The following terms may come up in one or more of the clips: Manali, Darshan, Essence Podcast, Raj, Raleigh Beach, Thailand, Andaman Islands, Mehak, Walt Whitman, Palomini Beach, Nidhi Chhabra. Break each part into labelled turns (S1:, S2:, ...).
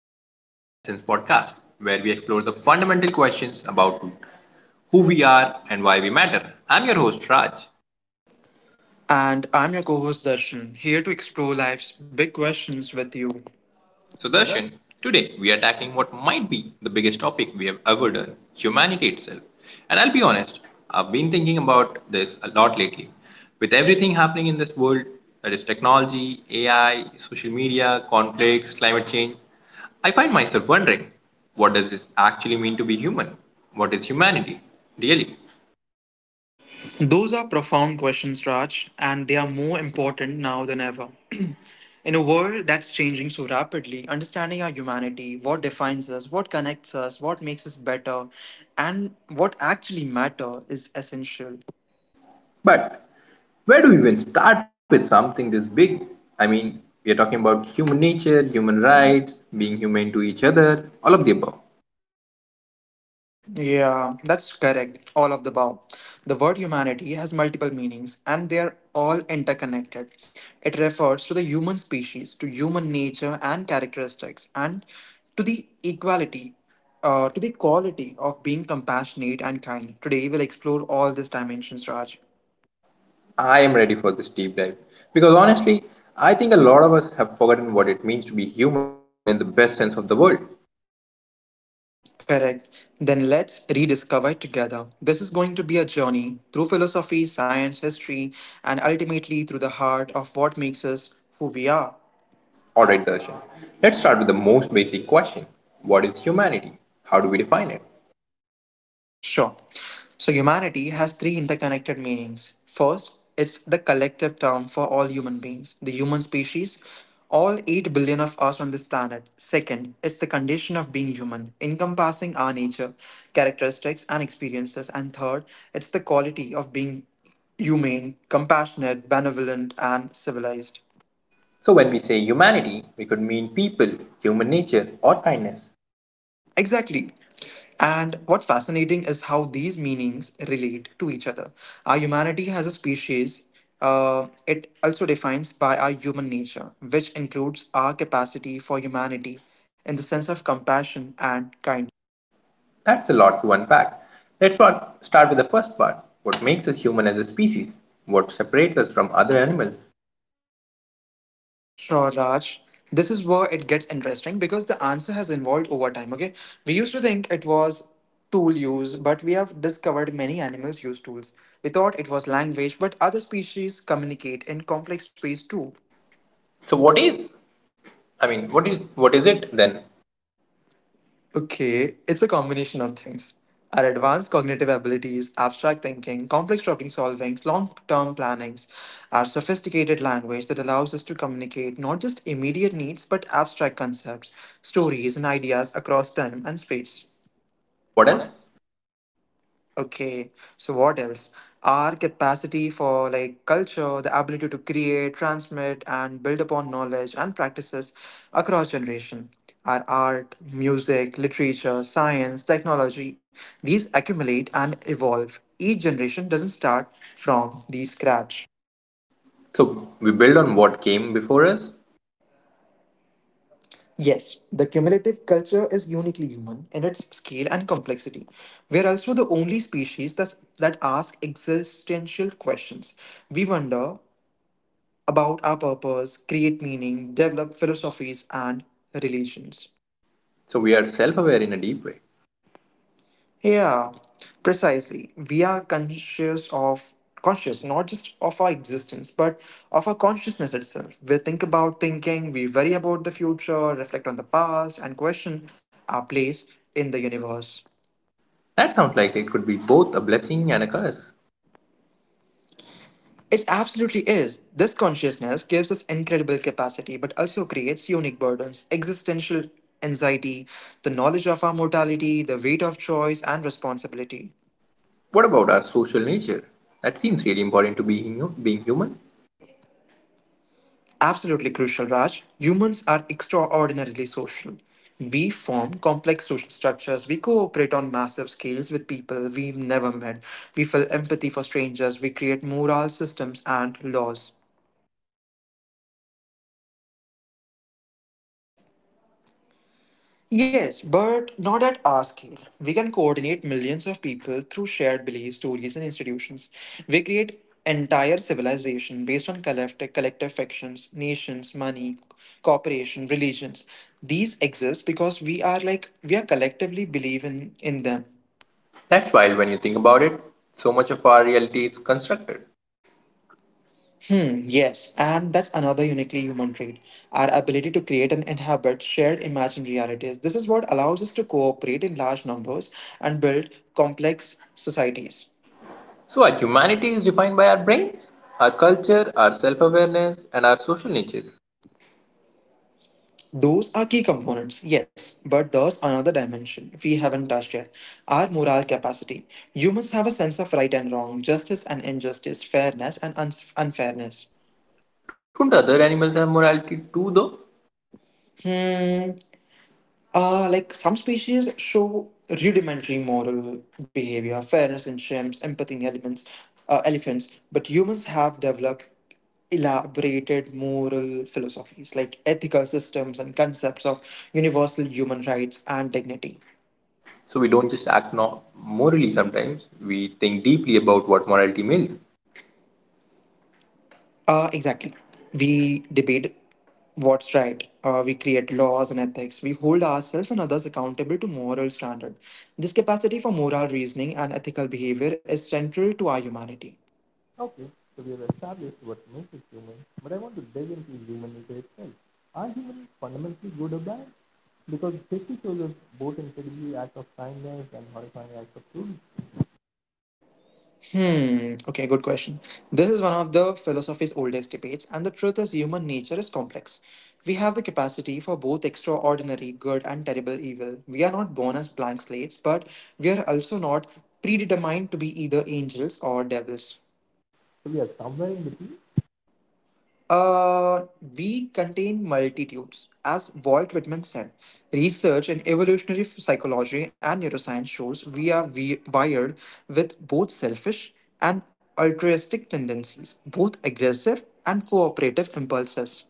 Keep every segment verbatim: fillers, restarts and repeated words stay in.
S1: and welcome to the Essence Podcast, where we explore the fundamental questions about who we are and why we matter. I'm your host, Raj.
S2: And I'm your co host Darshan, here to explore life's big questions with you.
S1: So,
S2: So then-
S1: Darshan, today we are tackling what might be the biggest topic we have ever done humanity itself. And I'll be honest, I've been thinking about this a lot lately. With everything happening in this world, that is technology, A I, social media, conflicts, climate change, I find myself wondering, what does this actually mean to be human? What is humanity, really?
S2: Those are profound questions, Raj, and they are more important now than ever. In a world that's changing so rapidly, understanding our humanity, what defines us, what connects us, what makes us better, and what actually matter is essential.
S1: But where do we even start with something this big? I mean, we are talking about human nature, human rights, being humane to each other, all of the above.
S2: Yeah, that's correct. All of the above. The word humanity has multiple meanings and they are all interconnected. It refers to the human species, to human nature and characteristics, and to the equality, uh, to the quality of being compassionate and kind. Today, we'll explore all these dimensions, Raj.
S1: I am ready for this deep dive because honestly, I think a lot of us have forgotten what it means to be human in the best sense of the word.
S2: Correct. Then let's rediscover it together. This is going to be a journey through philosophy, science, history, and ultimately through the heart of what makes us who we are.
S1: Alright, Darshan, let's start with the most basic question. What is humanity? How do we define it?
S2: Sure. So, humanity has three interconnected meanings. First, it's the collective term for all human beings, the human species, all 8 billion of us on this planet. Second, it's the condition of being human, encompassing our nature, characteristics, and experiences. And third, it's the quality of being humane, compassionate, benevolent, and civilized.
S1: So, when we say humanity, we could mean people, human nature, or kindness.
S2: Exactly. And what's fascinating is how these meanings relate to each other. Our humanity as a species, uh, it also defines by our human nature, which includes our capacity for humanity in the sense of compassion and kindness.
S1: That's a lot to unpack. Let's start with the first part. What makes us human as a species? What separates us from other animals?
S2: Sure, Raj. This is where it gets interesting because the answer has evolved over time. Okay, we used to think it was tool use, but we have discovered many animals use tools. We thought it was language, but other species communicate in complex ways too.
S1: So what is? I mean, what is what is it then?
S2: Okay, it's a combination of things. Our advanced cognitive abilities, abstract thinking, complex problem solving, long term plannings, our sophisticated language that allows us to communicate not just immediate needs but abstract concepts, stories, and ideas across time and space.
S1: What
S2: What
S1: else?
S2: else? Okay, so what else? Our capacity for like culture, the ability to create, transmit, and build upon knowledge and practices across generation. Our art, music, literature, science, technology, these accumulate and evolve. Each generation doesn't start from the scratch.
S1: So we build on what came before us.
S2: Yes, the cumulative culture is uniquely human in its scale and complexity. We are also the only species that's, that ask existential questions. We wonder about our purpose, create meaning, develop philosophies, and religions.
S1: So we are self-aware in a deep way.
S2: Yeah, precisely. We are conscious of conscious not just of our existence but of our consciousness itself. We think about thinking. We worry about the future, reflect on the past, and question our place in the universe.
S1: That sounds like it could be both a blessing and a curse.
S2: It absolutely is. This consciousness gives us incredible capacity, but also creates unique burdens, existential anxiety, the knowledge of our mortality, the weight of choice, and responsibility.
S1: What about our social nature? That seems really important to being being human.
S2: Absolutely crucial, Raj. Humans are extraordinarily social. We form complex social structures. We cooperate on massive scales with people we've never met. We feel empathy for strangers. We create moral systems and laws.
S1: But other animals are social too, right?
S2: Yes, but not at our scale. We can coordinate millions of people through shared beliefs, stories, and institutions. We create entire civilization based on collective, collective factions, nations, money, cooperation, religions. These exist because we are like we are collectively believe in in them.
S1: That's wild when you think about it. So much of our reality is constructed.
S2: Hmm, yes, and that's another uniquely human trait, our ability to create and inhabit shared imagined realities. This is what allows us to cooperate in large numbers and build complex societies.
S1: So, our humanity is defined by our brains, our culture, our self awareness, and our social nature.
S2: Those are key components, yes, but there's another dimension we haven't touched yet, our moral capacity. Humans have a sense of right and wrong, justice and injustice, fairness and un- unfairness.
S1: Don't other animals have morality too, though?
S2: Hmm. Uh, like some species show rudimentary moral behavior, fairness in chimps, empathy in elements, uh, elephants, but humans have developed elaborated moral philosophies like ethical systems and concepts of universal human rights and dignity.
S1: So, we don't just act no- morally sometimes, we think deeply about what morality means.
S2: Uh, exactly. We debate what's right. Uh, we create laws and ethics. We hold ourselves and others accountable to moral standards. This capacity for moral reasoning and ethical behavior is central to our humanity. Hmm. Okay, good question. This is one of the philosophy's oldest debates, and the truth is human nature is complex. We have the capacity for both extraordinary good and terrible evil. We are not born as blank slates, but we are also not predetermined to be either angels or devils. Uh, we contain multitudes. As Walt Whitman said, research in evolutionary f- psychology and neuroscience shows we are wi- wired with both selfish and altruistic tendencies, both aggressive and cooperative impulses.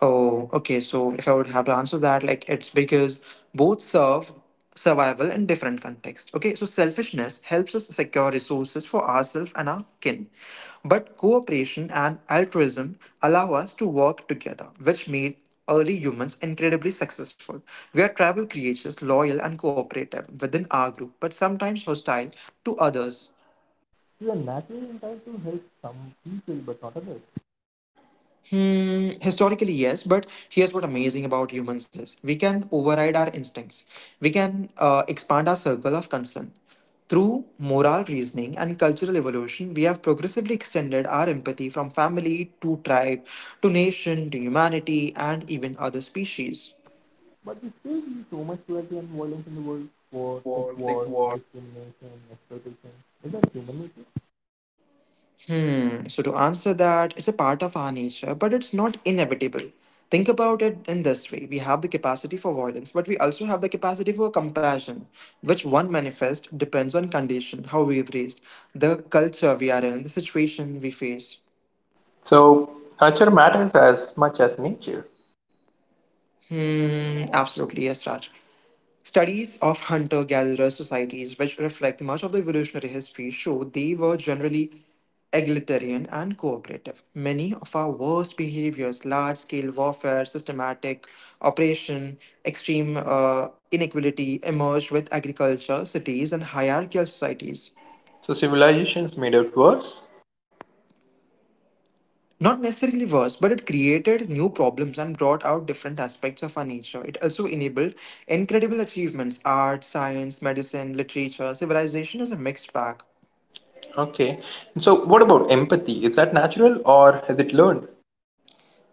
S2: Oh, okay. So if I would have to answer that, like it's because both serve survival in different contexts. Okay, so selfishness helps us secure resources for ourselves and our kin. But cooperation and altruism allow us to work together, which made early humans incredibly successful. We are tribal creatures, loyal and cooperative within our group, but sometimes hostile to others. Mm, historically yes, but here's what amazing about humans is we can override our instincts. We can, uh, expand our circle of concern through moral reasoning and cultural evolution. We have progressively extended our empathy from family to tribe to nation to humanity and even other species. What, like, what? Hmm. So to answer that, it's a part of our nature, but it's not inevitable. Think about it in this way. We have the capacity for violence, but we also have the capacity for compassion, which one manifests depends on condition, how we have raised, the culture we are in, the situation we face.
S1: So, culture matters as much as nature.
S2: Mm, absolutely, yes, Raj. Studies of hunter gatherer societies, which reflect much of the evolutionary history, show they were generally egalitarian and cooperative. Many of our worst behaviors, large scale warfare, systematic oppression, extreme uh, inequality, emerged with agriculture, cities, and hierarchical societies.
S1: So, civilizations made it worse.
S2: Not necessarily worse, but it created new problems and brought out different aspects of our nature. It also enabled incredible achievements: art, science, medicine, literature. Civilization is a mixed bag.
S1: Okay. So, what about empathy? Is that natural or is it learned?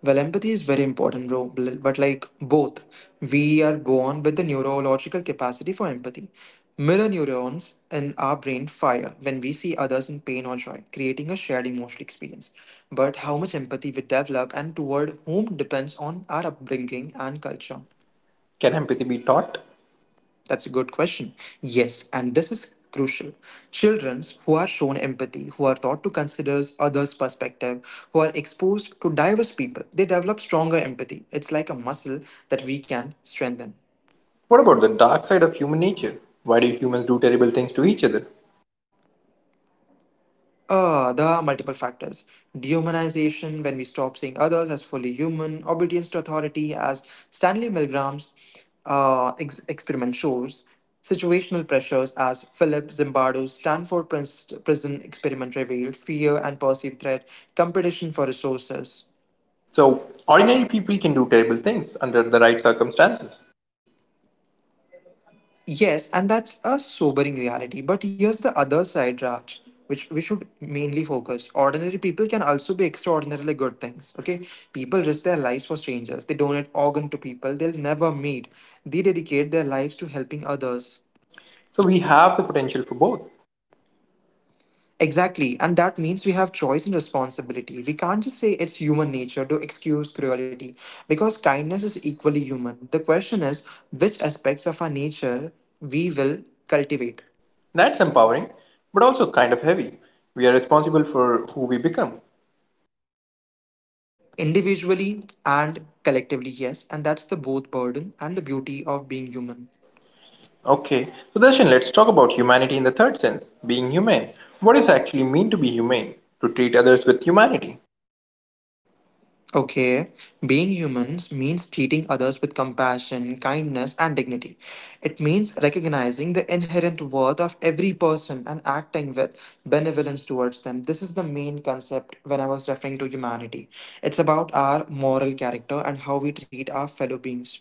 S2: Well, empathy is very important, bro. Bl- But like both, we are born with the neurological capacity for empathy. Mirror neurons in our brain fire when we see others in pain or joy, creating a shared emotional experience. But how much empathy we develop and toward whom depends on our upbringing and culture.
S1: Can empathy be taught?
S2: That's a good question. Yes, and this is crucial. Children who are shown empathy, who are taught to consider others' perspective, who are exposed to diverse people, they develop stronger empathy. It's like a muscle that we can strengthen.
S1: What about the dark side of human nature? Why do humans do terrible things to each other?
S2: Uh, the multiple factors. Dehumanization, when we stop seeing others as fully human, obedience to authority, as Stanley Milgram's uh, ex- experiment shows, situational pressures, as Philip Zimbardo's Stanford pris- prison experiment revealed, fear and perceived threat, competition for resources.
S1: So ordinary people can do terrible things under the right circumstances.
S2: Yes, and that's a sobering reality. But here's the other side, Raj, which we should mainly focus. Ordinary people can also be extraordinarily good things. Okay, people risk their lives for strangers. They donate organ to people they'll never meet. They dedicate their lives to helping others.
S1: So we have the potential for both.
S2: Exactly, and that means we have choice and responsibility. We can't just say it's human nature to excuse cruelty because kindness is equally human. The question is which aspects of our nature we will cultivate.
S1: That's empowering, but also kind of heavy. We are responsible for who we become.
S2: Individually and collectively, yes, and that's the both burden and the beauty of being human.
S1: Okay, so Darshan, let's talk about humanity in the third sense, being humane. What does it actually mean to be humane? To treat others with humanity.
S2: Okay, being humans means treating others with compassion, kindness, and dignity. It means recognizing the inherent worth of every person and acting with benevolence towards them. This is the main concept when I was referring to humanity. It's about our moral character and how we treat our fellow beings.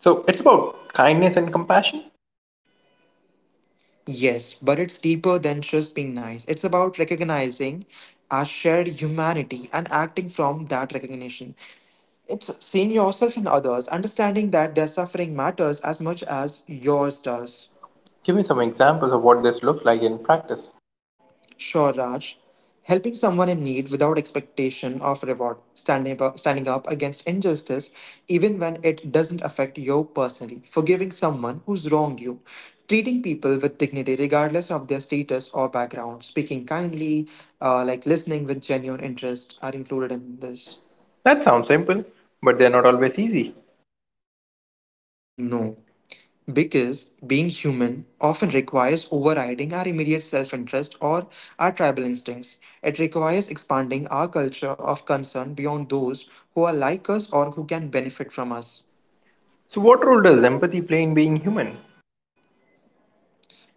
S1: So it's about kindness and compassion.
S2: Yes, but it's deeper than just being nice. It's about recognizing our shared humanity and acting from that recognition. It's seeing yourself in others, understanding that their suffering matters as much as yours does.
S1: Give me some examples of what this looks like in practice.
S2: Sure, Raj. Helping someone in need without expectation of reward, standing up, standing up against injustice, even when it doesn't affect you personally, forgiving someone who's wronged you, treating people with dignity regardless of their status or background, speaking kindly, uh, like listening with genuine interest are included in this.
S1: That sounds simple, but they're not always easy.
S2: No. Because being human often requires overriding our immediate self interest or our tribal instincts. It requires expanding our culture of concern beyond those who are like us or who can benefit from us.
S1: So what role does empathy play in being human?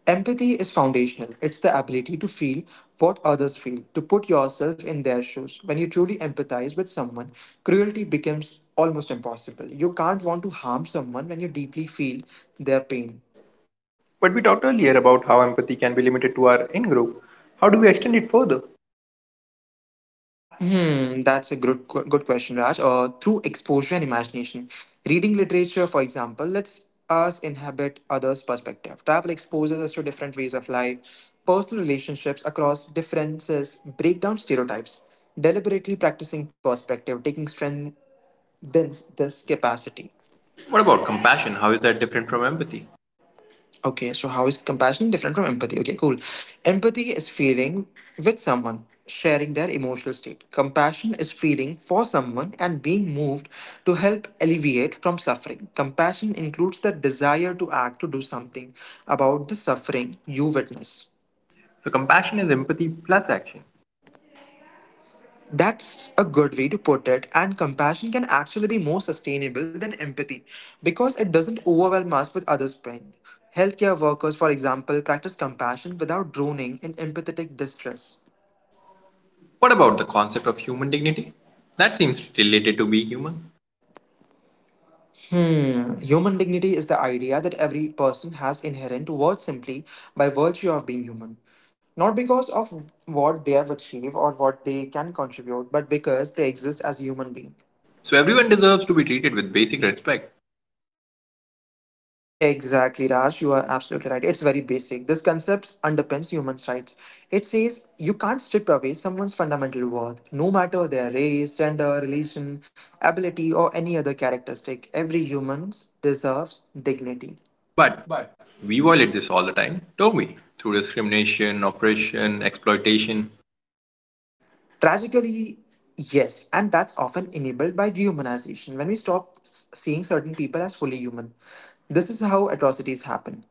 S2: Empathy is foundational. It's the ability to feel what others feel, to put yourself in their shoes. When you truly empathize with someone, cruelty becomes almost impossible. You can't want to harm someone when you deeply feel their pain.
S1: But we talked earlier about how empathy can be limited to our in group. How do we extend it further?
S2: Hmm, that's a good que- good question, Raj. Uh, through exposure and imagination, reading literature, for example, lets us inhabit others' perspective. Travel exposes us to different ways of life, personal relationships across differences, break down stereotypes. Deliberately practicing perspective taking strengthens this capacity.
S1: What about compassion? How is that different from empathy?
S2: Okay, so how is compassion different from empathy? Okay, cool. Empathy is feeling with someone, sharing their emotional state. Compassion is feeling for someone and being moved to help alleviate from suffering. Compassion includes the desire to act to do something about the suffering you witness.
S1: So, compassion is empathy plus action.
S2: That's a good way to put it, and compassion can actually be more sustainable than empathy because it doesn't overwhelm us with others' pain. Healthcare workers, for example, practice compassion without drowning in empathetic distress.
S1: What about the concept of human dignity? That seems related to be human.
S2: Human dignity is the idea that every person has inherent worth simply by virtue of being human, not because of what they have achieved or what they can contribute, but because they exist as human beings.
S1: So, everyone deserves to be treated with basic respect.
S2: Exactly, Raj. You are absolutely right. It's very basic. This concept underpins human rights. It says you can't strip away someone's fundamental worth, no matter their race, gender, religion, ability, or any other characteristic. Every human deserves dignity. But
S1: But we violate this all the time, don't we? Through discrimination, oppression, exploitation.
S2: tragically, yes, and that's often enabled by dehumanization when we stop s- seeing certain people as fully human. This is how atrocities happen.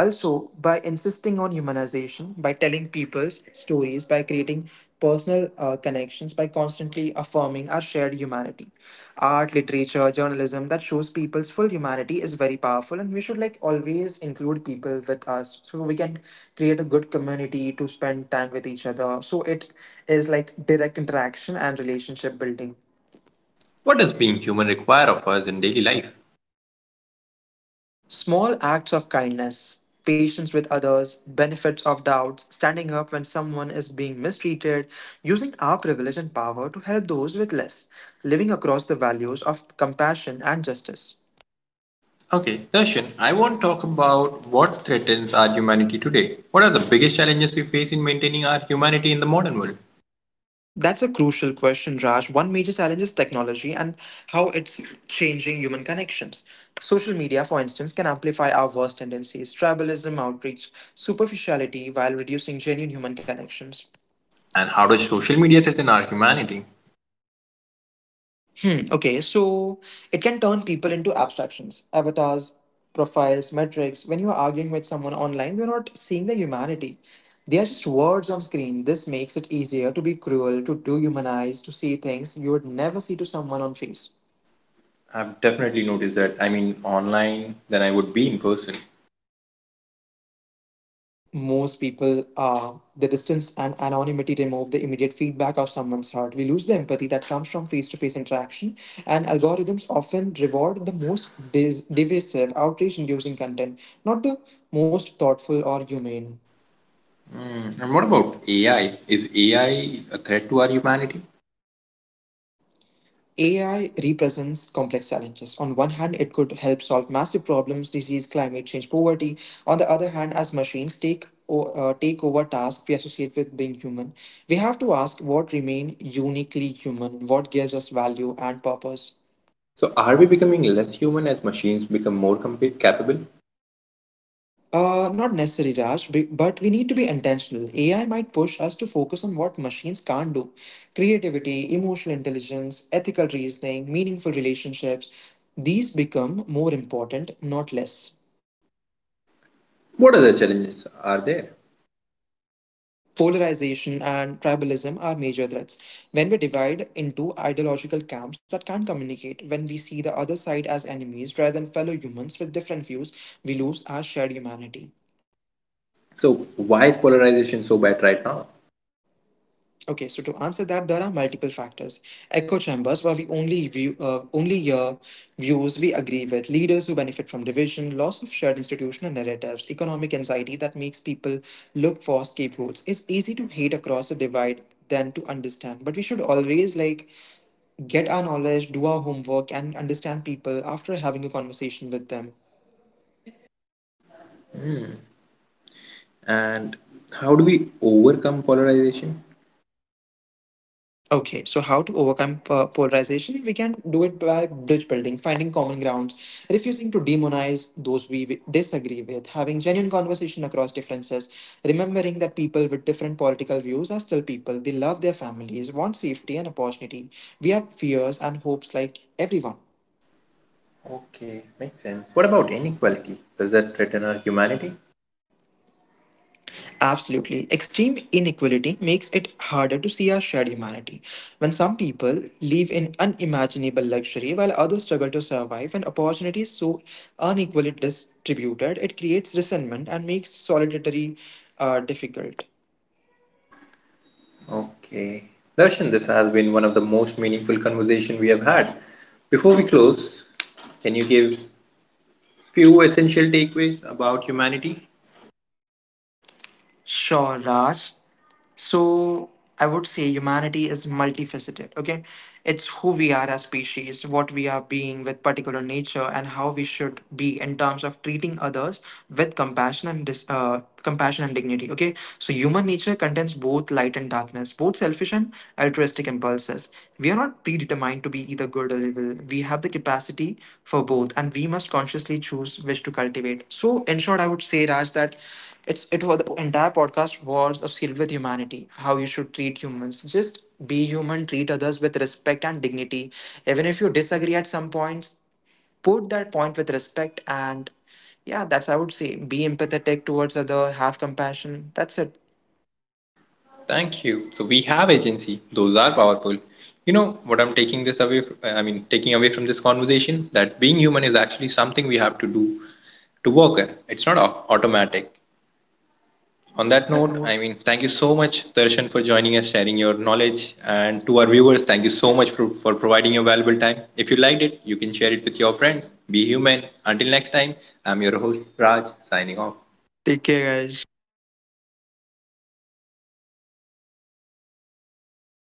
S2: Also, by insisting on humanization, by telling people's stories, by creating personal uh, connections, by constantly affirming our shared humanity. Art, literature, journalism that shows people's full humanity is very powerful, and we should like always include people with us so we can create a good community to spend time with each other. So it is like direct interaction and relationship building.
S1: What does being human require of us in daily life?
S2: Small acts of kindness, patience with others, benefits of doubts, standing up when someone is being mistreated, using our privilege and power to help those with less, living across the values of compassion and justice.
S1: Okay, Darshan, I want to talk about what threatens our humanity today. What are the biggest challenges we face in maintaining our humanity in the modern world?
S2: That's a crucial question, Raj. One major challenge is technology and how it's changing human connections. Social media, for instance, can amplify our worst tendencies, tribalism, outreach, superficiality, while reducing genuine human connections.
S1: And how does social media threaten our humanity?
S2: Hmm, okay, so it can turn people into abstractions, avatars, profiles, metrics. When you are arguing with someone online, you're not seeing the humanity. They are just words on screen. This makes it easier to be cruel, to dehumanize, to see things you would never see to someone on face.
S1: I've definitely noticed that. I mean, online than I would be in person.
S2: Most people, uh, the distance and anonymity remove the immediate feedback of someone's heart. We lose the empathy that comes from face-to-face interaction, and algorithms often reward the most dis- divisive, outrage inducing content, not the most thoughtful or humane.
S1: Hmm, and what about A I? Is A I a threat to our humanity?
S2: A I represents complex challenges. On one hand, it could help solve massive problems, disease, climate change, poverty. On the other hand, as machines take o- uh, take over tasks we associate with being human, we have to ask what remain uniquely human, what gives us value and purpose.
S1: So, are we becoming less human as machines become more compa- capable?
S2: Uh, not necessarily, Raj, b- but we need to be intentional. A I might push us to focus on what machines can't do, creativity, emotional intelligence, ethical reasoning, meaningful relationships. These become more important, not less.
S1: What other challenges are there?
S2: Polarization and tribalism are major threats. When we divide into ideological camps that can't communicate, when we see the other side as enemies rather than fellow humans with different views, we lose our shared humanity.
S1: So, why is polarization so bad right now?
S2: Okay, so to answer that, there are multiple factors. Echo chambers, where we only view uh, only uh, views we agree with, leaders who benefit from division, loss of shared institutional narratives, economic anxiety that makes people look for scapegoats. It's easy to hate across a divide than to understand, but we should always like get our knowledge, do our homework, and understand people after having a conversation with them.
S1: And how do we overcome polarization?
S2: Okay, so how to overcome po- polarization? We can do it by bridge building, finding common grounds, refusing to demonize those we wi- disagree with, having genuine conversation across differences, remembering that people with different political views are still people. They love their families, want safety and opportunity. We have fears and hopes like everyone.
S1: Okay, makes sense. What about inequality? Does that threaten our humanity?
S2: Absolutely. Extreme inequality makes it harder to see our shared humanity. When some people live in unimaginable luxury while others struggle to survive, and opportunity is so unequally distributed, it creates resentment and makes solidarity uh, difficult.
S1: Okay. Darshan, this has been one of the most meaningful conversation we have had. Before we close, can you give few essential takeaways about humanity?
S2: Sure, Raj. So I would say humanity is multifaceted, okay? It's who we are as species, what we are being with particular nature, and how we should be in terms of treating others with compassion and dis- uh, compassion and dignity, okay? So human nature contains both light and darkness, both selfish and altruistic impulses. We are not predetermined to be either good or evil. We have the capacity for both, and we must consciously choose which to cultivate. So in short, I would say, Raj, that it's it was the entire podcast was a skill with humanity, how you should treat humans. Just be human, treat others with respect and dignity. Even if you disagree at some points, put that point with respect, and yeah, that's I would say. Be empathetic towards other, have compassion. That's it.
S1: Thank you. So we have agency. Those are powerful. You know what I'm taking this away from, I mean taking away from this conversation, that being human is actually something we have to do to work on. It's not au- automatic. On
S2: On
S1: that
S2: that
S1: note,
S2: note,
S1: I mean, thank you so much, Darshan, for joining us, sharing your knowledge. And to our viewers, thank you so much for, for providing your valuable time. If you liked it, you can share it with your friends. Be human. Until next time, I'm your host, Raj, signing off.
S2: take care, guys.